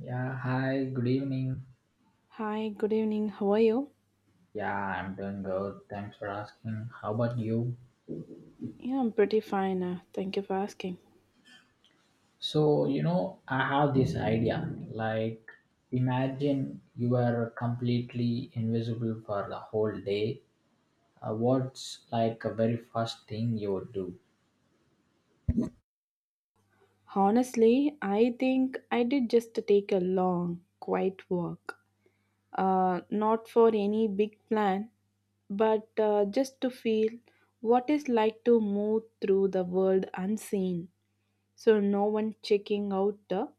Yeah, hi, good evening. Hi, good evening. How are you? Yeah, I'm doing good. Thanks for asking. How about you? Yeah, I'm pretty fine. Thank you for asking. So, you know, I have this idea. Like, imagine you are completely invisible for the whole day. What's like a very first thing you would do? Honestly, I think I did just take a long, quiet walk. Not for any big plan, but just to feel what it's like to move through the world unseen. So no one checking out the,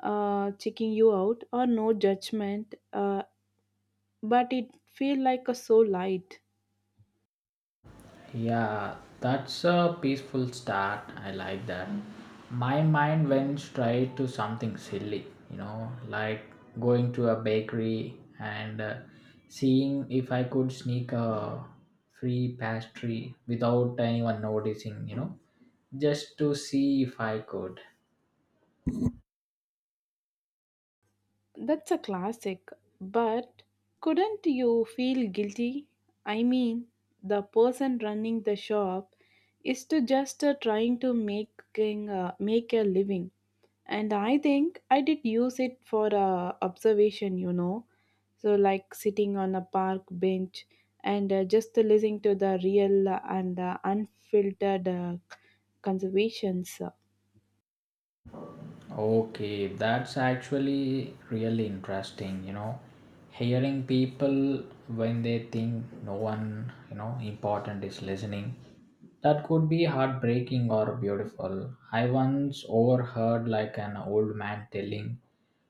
uh, checking you out, or no judgment. But it feel like a so light. Yeah, that's a peaceful start. I like that. My mind went straight to something silly, you know, like going to a bakery and seeing if I could sneak a free pastry without anyone noticing, you know, just to see if I could. That's a classic, but couldn't you feel guilty? I mean, the person running the shop is to just trying to making make a living, and I think I did use it for observation, you know, so like sitting on a park bench and just listening to the real and unfiltered conservations. Okay, that's actually really interesting, you know. Hearing people when they think no one, you know, important is listening, that could be heartbreaking or beautiful. I once overheard like an old man telling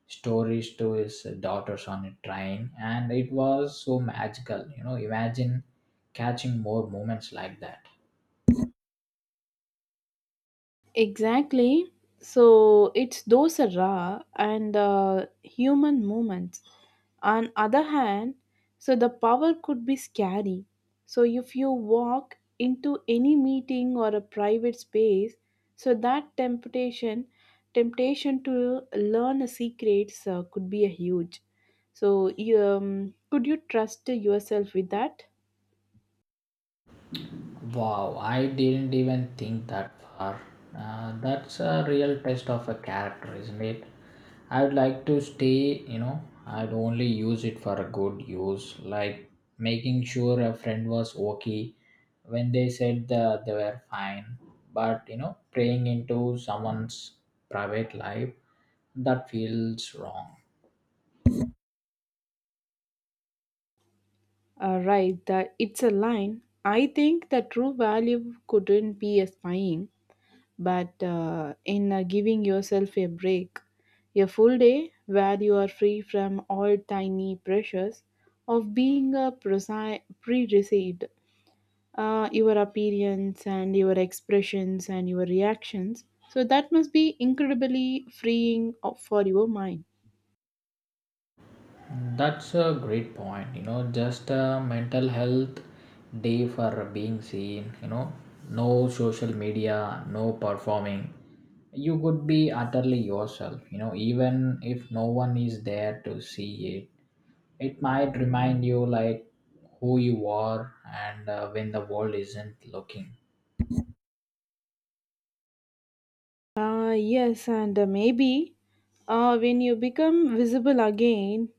stories to his daughters on a train, and it was so magical, you know. Imagine catching more moments like that. Exactly. So it's those raw and human moments. On other hand, so the power could be scary. So if you walk into any meeting or a private space, so that temptation to learn secrets could be a huge. So you, could you trust yourself with that? Wow, I didn't even think that far. That's a real test of a character, isn't it? I'd like to stay, you know, I'd only use it for a good use, like making sure a friend was okay when they said that they were fine. But, you know, praying into someone's private life, that feels wrong. Right, that it's a line. I think the true value couldn't be a spying but in giving yourself a break, a full day where you are free from all tiny pressures of being pre received, your appearance and your expressions and your reactions. So that must be incredibly freeing for your mind. That's a great point. You know, just a mental health day for being seen. You know, no social media, no performing. You could be utterly yourself. You know, even if no one is there to see it, it might remind you like who you are and when the world isn't looking. Yes, and maybe when you become visible again,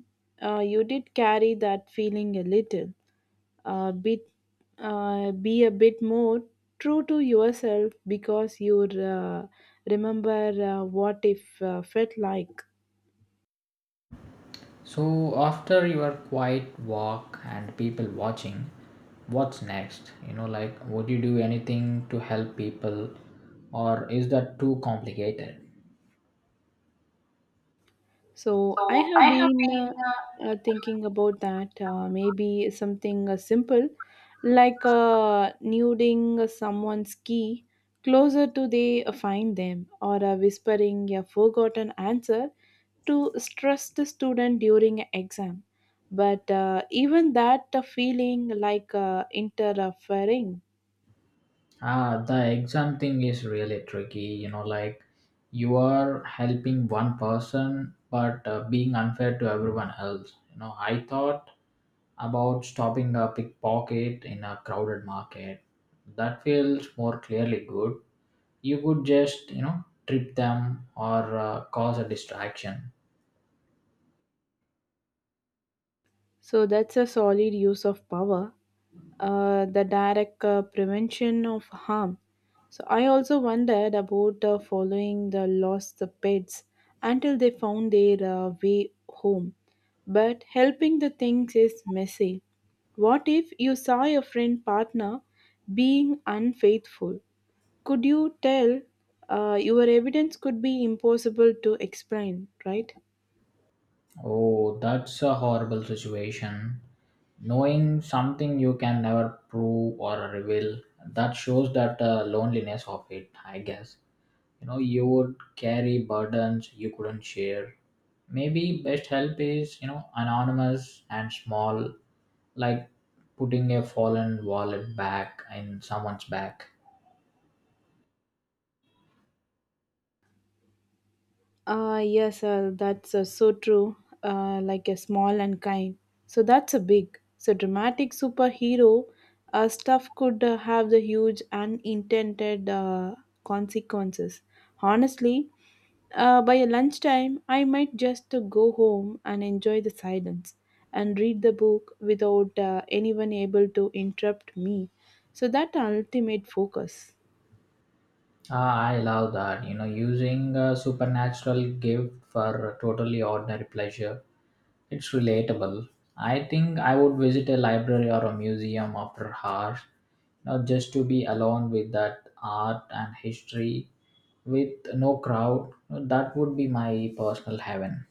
you did carry that feeling a little bit be a bit more true to yourself because you remember what if felt like. So, after your quiet walk and people watching, what's next? You know, like, would you do anything to help people, or is that too complicated? So I So I have have been been uh, thinking about that, maybe something simple like nuding someone's key closer to they find them or whispering a forgotten answer to stress the student during an exam. But even that feeling like interfering. Ah, the exam thing is really tricky. You know, like, you are helping one person, but being unfair to everyone else. You know, I thought about stopping a pickpocket in a crowded market. That feels more clearly good. You could just, you know, trip them or cause a distraction. So that's a solid use of power, the direct prevention of harm. So I also wondered about following the lost pets until they found their way home. But helping the things is messy. What if you saw your friend partner being unfaithful? Could you tell? Your evidence could be impossible to explain, right? Oh, that's a horrible situation. Knowing something you can never prove or reveal, that shows that loneliness of it, I guess. You know, you would carry burdens you couldn't share. Maybe best help is, you know, anonymous and small, like putting a fallen wallet back in someone's back. Yes, that's so true. Like a small and kind. So that's a big. So dramatic superhero stuff could have the huge unintended consequences. Honestly, by lunchtime, I might just go home and enjoy the silence and read the book without anyone able to interrupt me. So that ultimate focus. Ah, I love that. You know, using a supernatural gift for a totally ordinary pleasure. It's relatable. I think I would visit a library or a museum after hours, you know, just to be alone with that art and history with no crowd. That would be my personal heaven.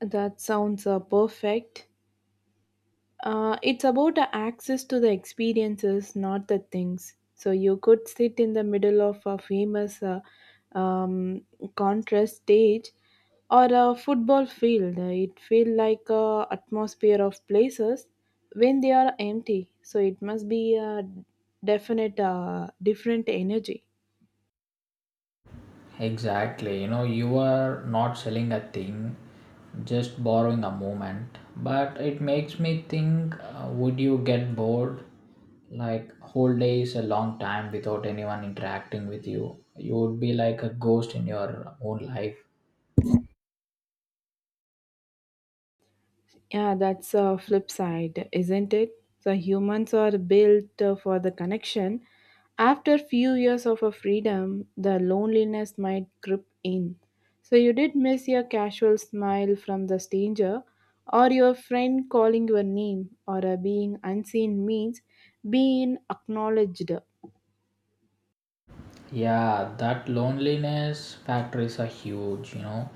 That sounds perfect. It's about the access to the experiences, not the things. So you could sit in the middle of a famous um, contrast stage or a football field. It feels like a atmosphere of places when they are empty. So it must be a definite different energy. Exactly. You know, you are not selling a thing, just borrowing a moment. But it makes me think, would you get bored? Like, whole day is a long time without anyone interacting with you. You would be like a ghost in your own life. Yeah, that's a flip side, isn't it? So humans are built for the connection. After few years of a freedom, the loneliness might grip in. So you did miss your casual smile from the stranger, or your friend calling your name, or a being unseen means being acknowledged. Yeah, that loneliness factors are huge, you know.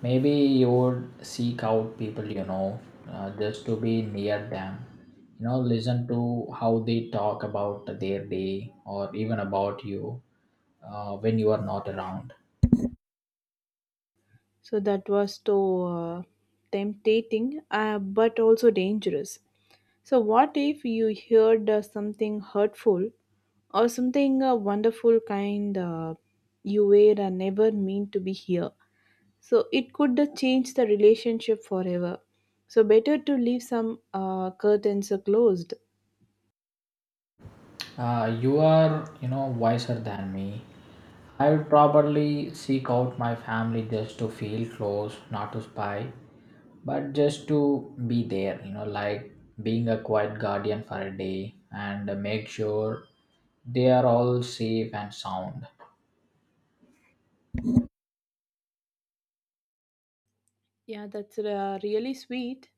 Maybe you would seek out people, you know, just to be near them. You know, listen to how they talk about their day or even about you when you are not around. So that was so tempting, but also dangerous. So, what if you heard something hurtful or something wonderful kind, you were never meant to be here? So, it could change the relationship forever. So, better to leave some curtains closed. You are, you know, wiser than me. I would probably seek out my family just to feel close, not to spy, but just to be there, you know, like being a quiet guardian for a day and make sure they are all safe and sound. Yeah, that's really sweet.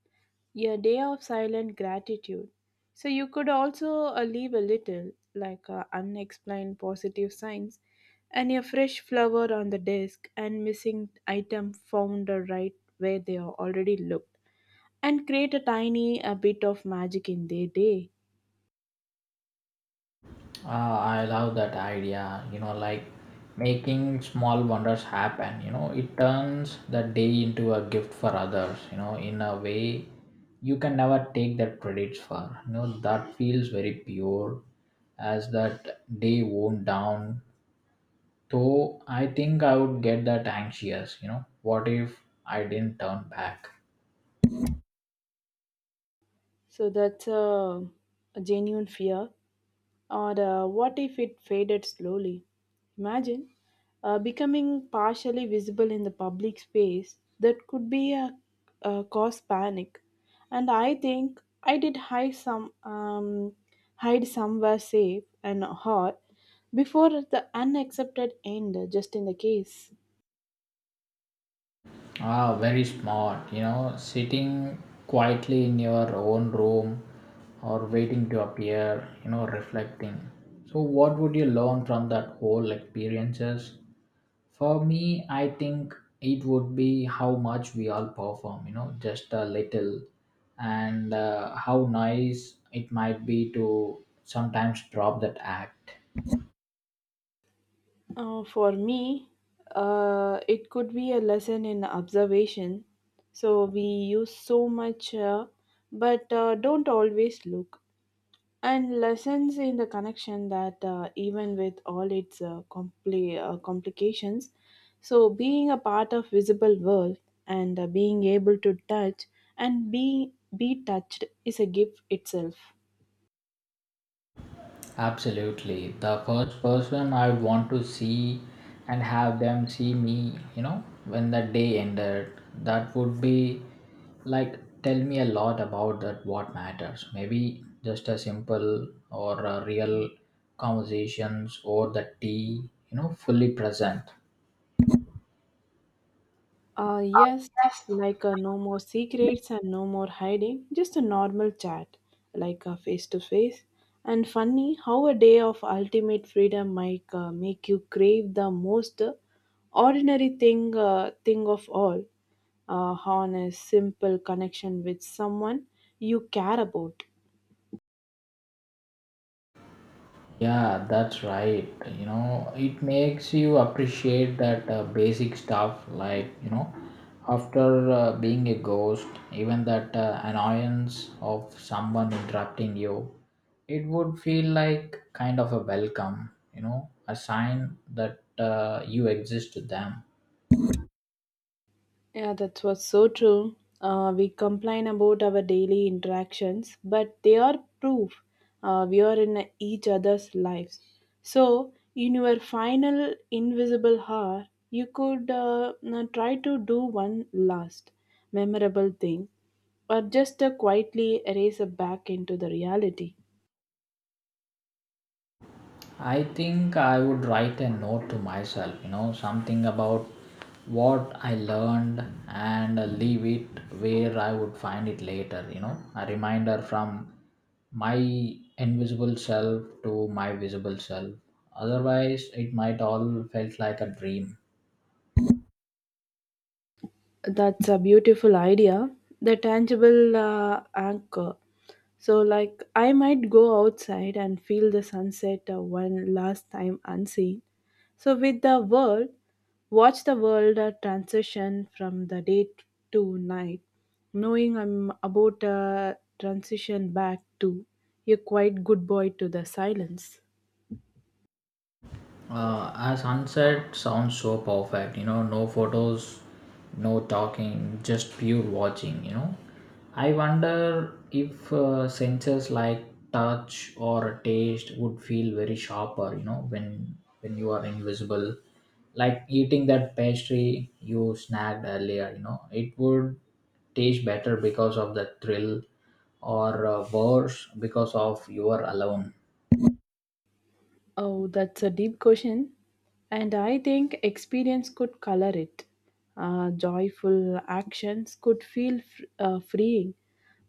A day of silent gratitude. So you could also leave a little, like unexplained positive signs, and a fresh flower on the desk, and missing item found right where they are already looked, and create a tiny a bit of magic in their day. Ah, I love that idea, you know, like making small wonders happen. You know, it turns the day into a gift for others, you know, in a way you can never take that credit for. You know, that feels very pure as that day won't down. Though I think I would get that anxious, you know, what if I didn't turn back? So that's a genuine fear. Or what if it faded slowly? Imagine becoming partially visible in the public space that could be a cause panic. And I think I did hide some hide somewhere safe and hot before the unaccepted end. Just in the case. Ah, very smart. You know, sitting quietly in your own room or waiting to appear, you know, reflecting. So, what would you learn from that whole experiences? For me, I think it would be how much we all perform, you know, just a little, and how nice it might be to sometimes drop that act. For me, it could be a lesson in observation. So we use so much, but don't always look. And lessons in the connection that even with all its complications, so being a part of visible world and being able to touch and be touched is a gift itself. Absolutely. The first person I would want to see and have them see me, you know, when the day ended, that would be like tell me a lot about that what matters. Maybe just a simple or a real conversations or the tea, you know, fully present. Uh, Yes, yes. like no more secrets and no more hiding, just a normal chat, like a face to face. And funny how a day of ultimate freedom might make you crave the most ordinary thing of all, honest simple connection with someone you care about. Yeah, that's right. You know, it makes you appreciate that basic stuff like, you know, after being a ghost, even that annoyance of someone interrupting you, it would feel like kind of a welcome, you know, a sign that you exist to them. Yeah, that was so true. We complain about our daily interactions, but they are proof we are in each other's lives. So, in your final invisible hour, you could now try to do one last memorable thing or just quietly erase it back into the reality. I think I would write a note to myself, you know, something about what I learned and leave it where I would find it later, you know, a reminder from my invisible self to my visible self. Otherwise, it might all felt like a dream. That's a beautiful idea. The tangible anchor. So, like, I might go outside and feel the sunset one last time unseen. So, with the world, watch the world transition from the to night, knowing I'm about a transition back to a quite good boy to the silence. A sunset sounds so perfect, you know, no photos, no talking, just pure watching, you know. I wonder if senses like touch or taste would feel very sharper, you know, when you are invisible. Like eating that pastry you snagged earlier, you know, it would taste better because of the thrill or worse because of you are alone. Oh, that's a deep question. And I think experience could color it. Joyful actions could feel freeing,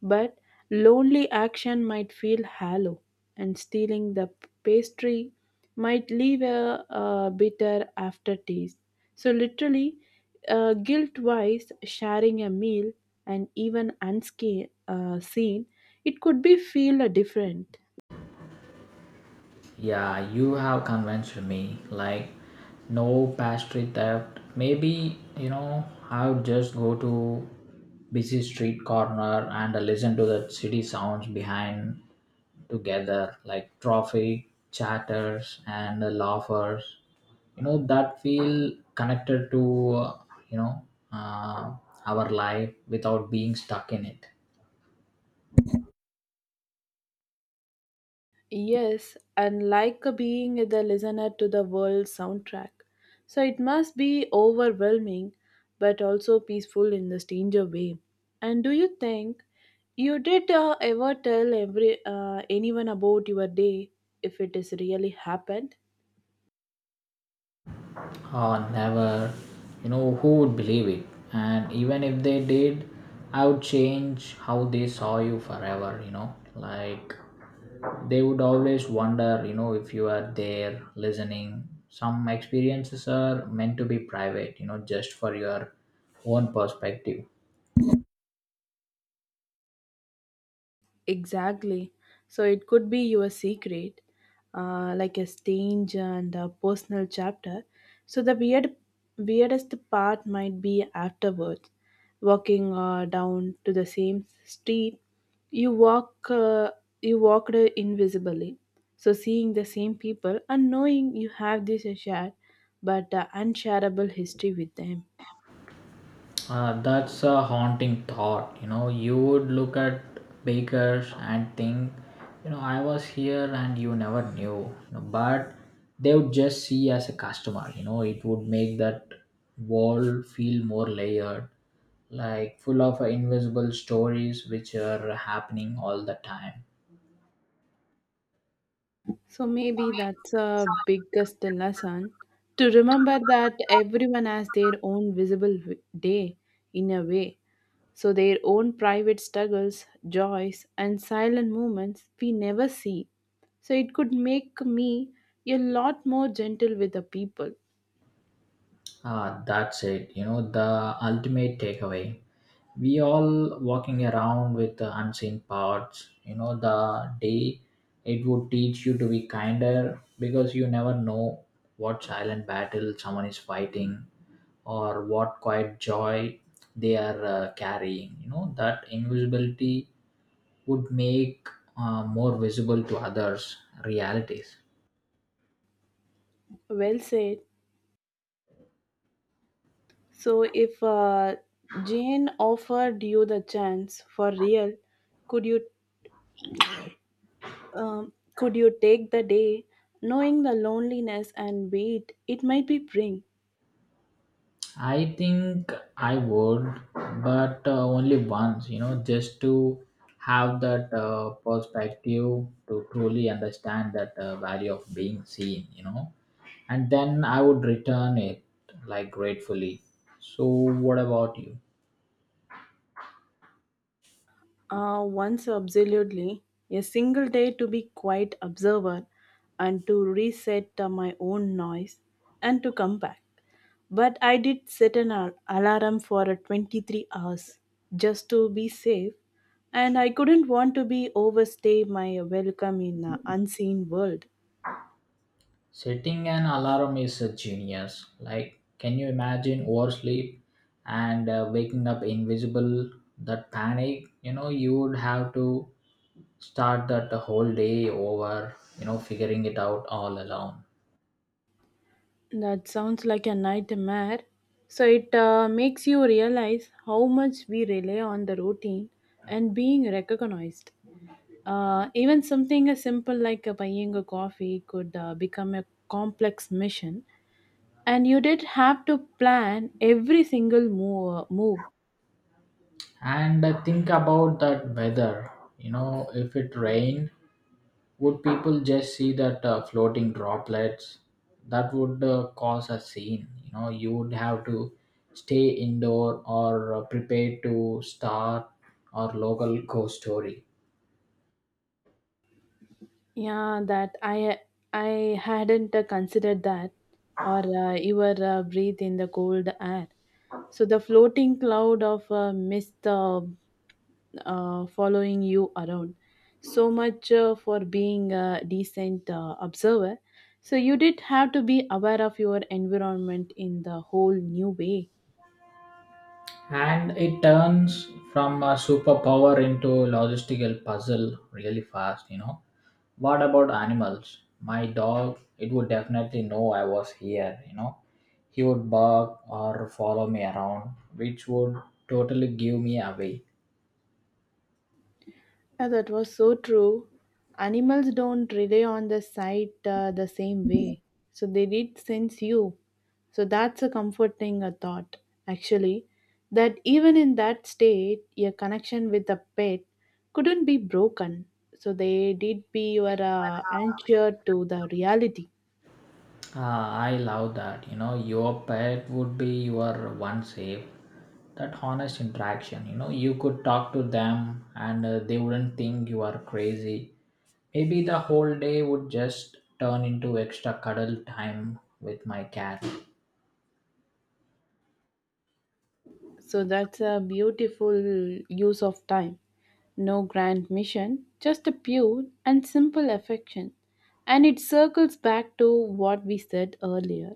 but lonely action might feel hollow, and stealing the pastry might leave a, bitter aftertaste. So, literally, guilt wise, sharing a meal and even seen, it could be feel different. Yeah, you have convinced me. Like, no pastry theft. Maybe, you know, I'll just go to busy street corner and listen to the city sounds behind together, like traffic, chatters, and laughers. You know, that feel connected to, you know, uh, our life without being stuck in it. Yes, and like being the listener to the world soundtrack. So it must be overwhelming, but also peaceful in the stranger way. And do you think you did ever tell every anyone about your day if it is really happened? Oh, never. You know, who would believe it? And even if they did, I would change how they saw you forever, you know? Like, they would always wonder, you know, if you are there listening. Some experiences are meant to be private, you know, just for your own perspective. Exactly. So it could be your secret, like a strange and a personal chapter. So the weirdest part might be afterwards, walking down to the same street. You walk, uh, you walked invisibly. So seeing the same people and knowing you have this shared, but unshareable history with them. That's a haunting thought. You know, you would look at bakers and think, you know, I was here and you never knew. You know, but they would just see as a customer. You know, it would make that wall feel more layered, like full of invisible stories which are happening all the time. So maybe that's a biggest lesson to remember that everyone has their own day in a way. So their own private struggles, joys, and silent moments we never see. So it could make me a lot more gentle with the people. That's it. You know, the ultimate takeaway. We all walking around with the unseen parts, you know, the day it would teach you to be kinder because you never know what silent battle someone is fighting or what quiet joy they are carrying, you know, that invisibility would make more visible to others realities. Well said. So if Jane offered you the chance for real, could you could you take the day knowing the loneliness and weight it might be bring? I think I would, but only once, you know, just to have that perspective to truly understand that value of being seen, you know, and then I would return it like gratefully. So, what about you? Once absolutely, a single day to be quite observer and to reset my own noise and to come back, but I did set an alarm for 23 hours, just to be safe, and I couldn't want to be overstay my welcome in an unseen world. Setting an alarm is a genius. Like, can you imagine oversleep and waking up invisible? That panic, you know, you would have to start that whole day over, you know, figuring it out all alone. That sounds like a nightmare. So it makes you realize how much we rely on the routine and being recognized. Even something as simple like buying a coffee could become a complex mission, and you did have to plan every single move. And I think about that weather, you know, if it rained, would people just see that floating droplets, that would cause a scene? You know, you would have to stay indoor or prepare to start or local ghost story. Yeah, that I hadn't considered that, or you were breathe in the cold air. So the floating cloud of mist following you around. So much for being a decent observer. So you did have to be aware of your environment in the whole new way. And it turns from a superpower into a logistical puzzle really fast, you know. What about animals? My dog, it would definitely know I was here, you know. He would bark or follow me around, which would totally give me away. Yeah, that was so true. Animals don't rely on the sight the same way. So they did sense you. So that's a comforting thought, actually, that even in that state, your connection with the pet couldn't be broken. So they did be your anchor to the reality. Ah, I love that. You know, your pet would be your one safe. That honest interaction. You know, you could talk to them and they wouldn't think you are crazy. Maybe the whole day would just turn into extra cuddle time with my cat. So that's a beautiful use of time. No grand mission, just a pure and simple affection. And it circles back to what we said earlier.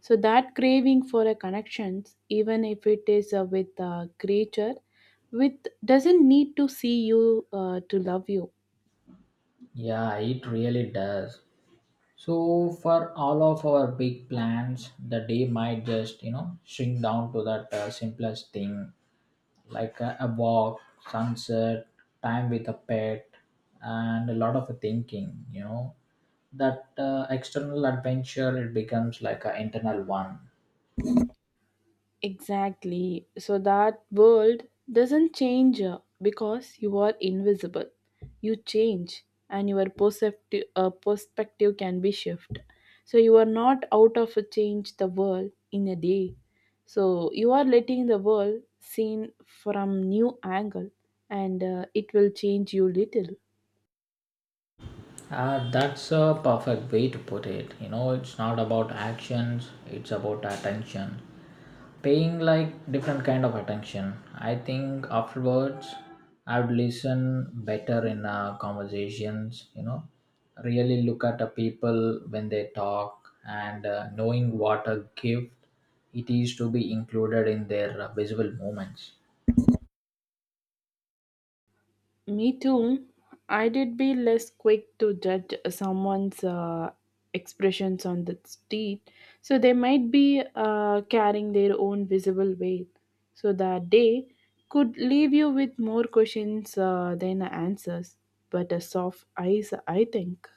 So that craving for a connection, even if it is with a creature, with, doesn't need to see you to love you. Yeah, it really does. So for all of our big plans, the day might just, you know, shrink down to that simplest thing, like a, walk, sunset, time with a pet, and a lot of thinking. You know that external adventure it becomes like an internal one. Exactly. So that world doesn't change because you are invisible. You change and your perspective can be shift. So you are not out of a change the world in a day. So you are letting the world seen from new angle and it will change you little. That's a perfect way to put it. You know, it's not about actions; it's about attention. Paying like different kind of attention. I think afterwards I would listen better in conversations, you know, really look at the people when they talk and knowing what a gift it is to be included in their visible moments. Me too. I did be less quick to judge someone's expressions on the street. So they might be carrying their own visible weight. So the day could leave you with more questions than answers. But a soft eyes, I think.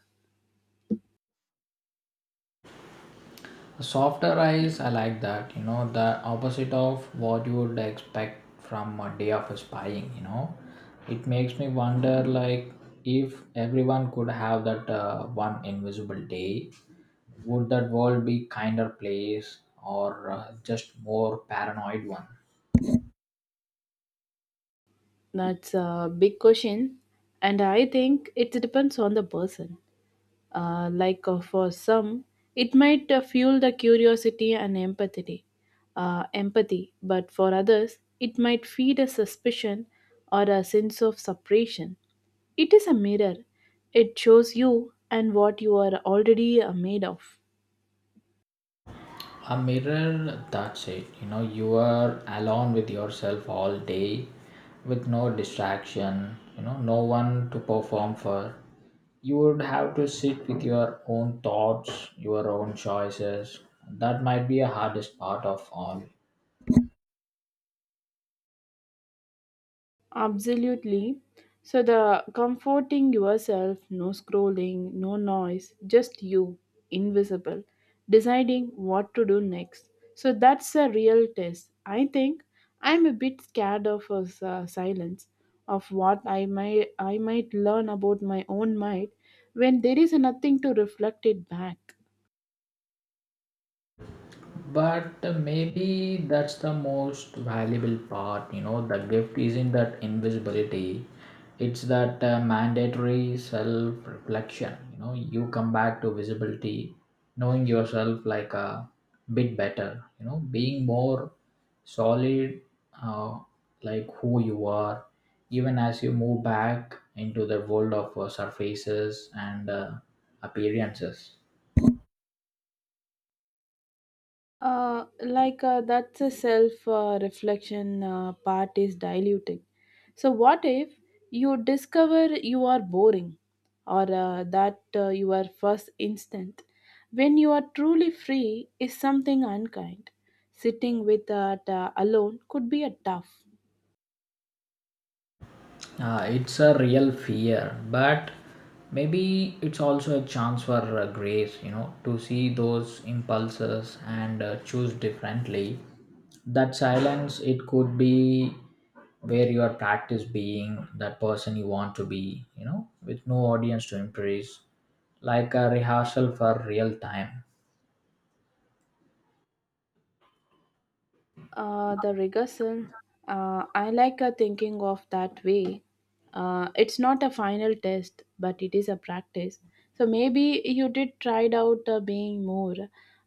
Softer ice, I like that. You know, the opposite of what you would expect from a day of spying. You know, it makes me wonder, like, if everyone could have that one invisible day, would that world be kinder place or just more paranoid one? That's a big question. And I think it depends on the person. Like for some, it might fuel the curiosity and empathy, but for others, it might feed a suspicion or a sense of separation. It is a mirror. It shows you and what you are already made of. A mirror, that's it. You know, you are alone with yourself all day with no distraction, you know, no one to perform for. You would have to sit with your own thoughts, your own choices. That might be a hardest part of all. Absolutely. So the comforting yourself, no scrolling, no noise, just you, invisible, deciding what to do next. So that's a real test. I think I'm a bit scared of silence, of what I might learn about my own mind when there is nothing to reflect it back. But maybe that's the most valuable part. You know, the gift isn't that invisibility, it's that mandatory self reflection. You know, you come back to visibility knowing yourself like a bit better, you know, being more solid, uh, like who you are, even as you move back into the world of surfaces and appearances. Like that's a self reflection part is diluting. So, what if you discover you are boring or that your first instant when you are truly free is something unkind? Sitting with that alone could be a tough. It's a real fear, but maybe it's also a chance for grace, you know, to see those impulses and choose differently. That silence, it could be where you are practice being that person you want to be, you know, with no audience to impress, like a rehearsal for real time. The regression, I like thinking of that way. It's not a final test, but it is a practice. So maybe you did tried out being more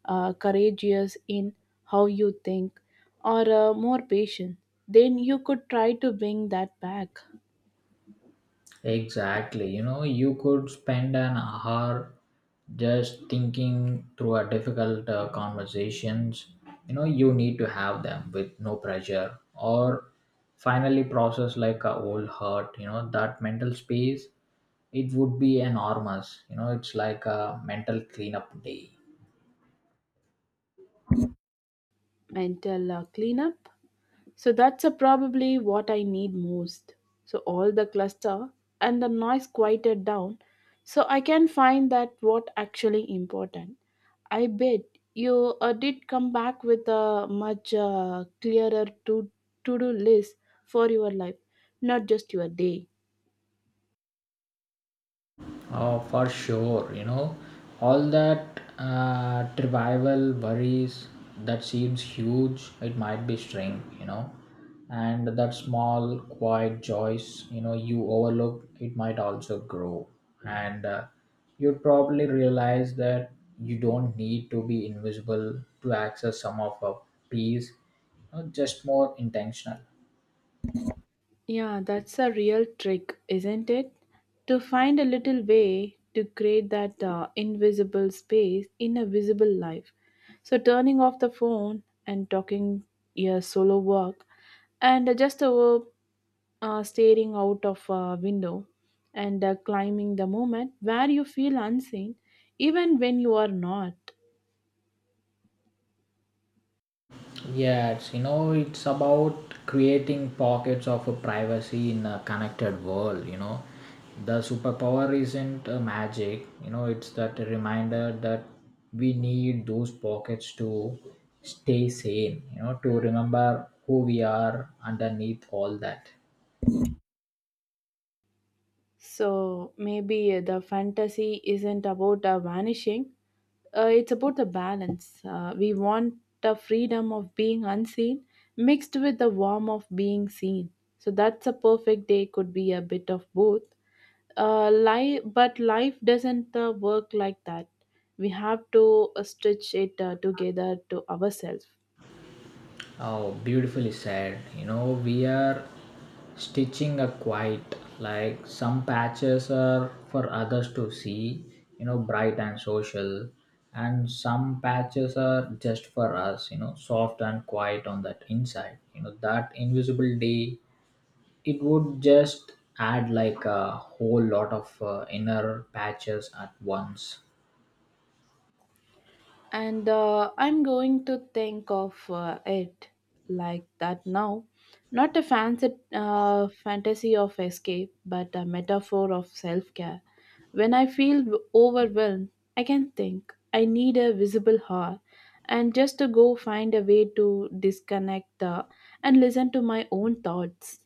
courageous in how you think or more patient. Then you could try to bring that back. Exactly. You know, you could spend an hour just thinking through a difficult conversations. You know, you need to have them with no pressure or finally process like a old hurt. You know, that mental space, it would be enormous. You know, it's like a mental cleanup day. Mental cleanup. So that's probably what I need most. So all the cluster and the noise quieted down so I can find that what actually important. I bet you did come back with a much clearer to do list for your life, not just your day. Oh, for sure. You know, all that revival worries that seems huge, it might be strange, you know, and that small, quiet joys, you know, you overlook, it might also grow. And you'd probably realize that you don't need to be invisible to access some of a peace, you know, just more intentional. Yeah, that's a real trick, isn't it? To find a little way to create that invisible space in a visible life. So, turning off the phone and talking your solo work, and just over staring out of a window and climbing the moment where you feel unseen, even when you are not. Yeah, it's, you know, it's about creating pockets of a privacy in a connected world. You know, the superpower isn't a magic. You know, it's that reminder that we need those pockets to stay sane. You know, to remember who we are underneath all that. So maybe the fantasy isn't about vanishing, it's about the balance. We want the freedom of being unseen mixed with the warmth of being seen. So that's a perfect day, could be a bit of both. But life doesn't work like that. We have to stitch it together to ourselves. Oh, beautifully said. You know, we are stitching a quiet, like some patches are for others to see, you know, bright and social, and some patches are just for us, you know, soft and quiet on that inside. You know, that invisible day, it would just add like a whole lot of inner patches at once. And I'm going to think of it like that now. Not a fancy fantasy of escape, but a metaphor of self care. When I feel overwhelmed, I can think I need a visible hour and just to go find a way to disconnect and listen to my own thoughts.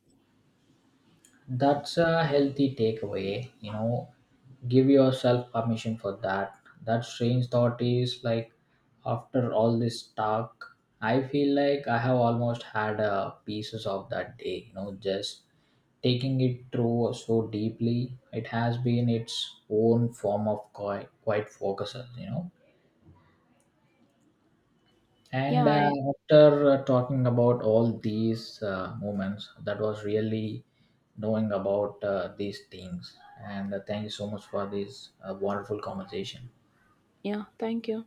That's a healthy takeaway, you know. Give yourself permission for that. That strange thought is like, after all this talk, I feel like I have almost had a pieces of that day, you know, just taking it through so deeply. It has been its own form of quiet focus, you know. Yeah, And I, After talking about all these moments, that was really knowing about these things. And thank you so much for this wonderful conversation. yeah, thank you.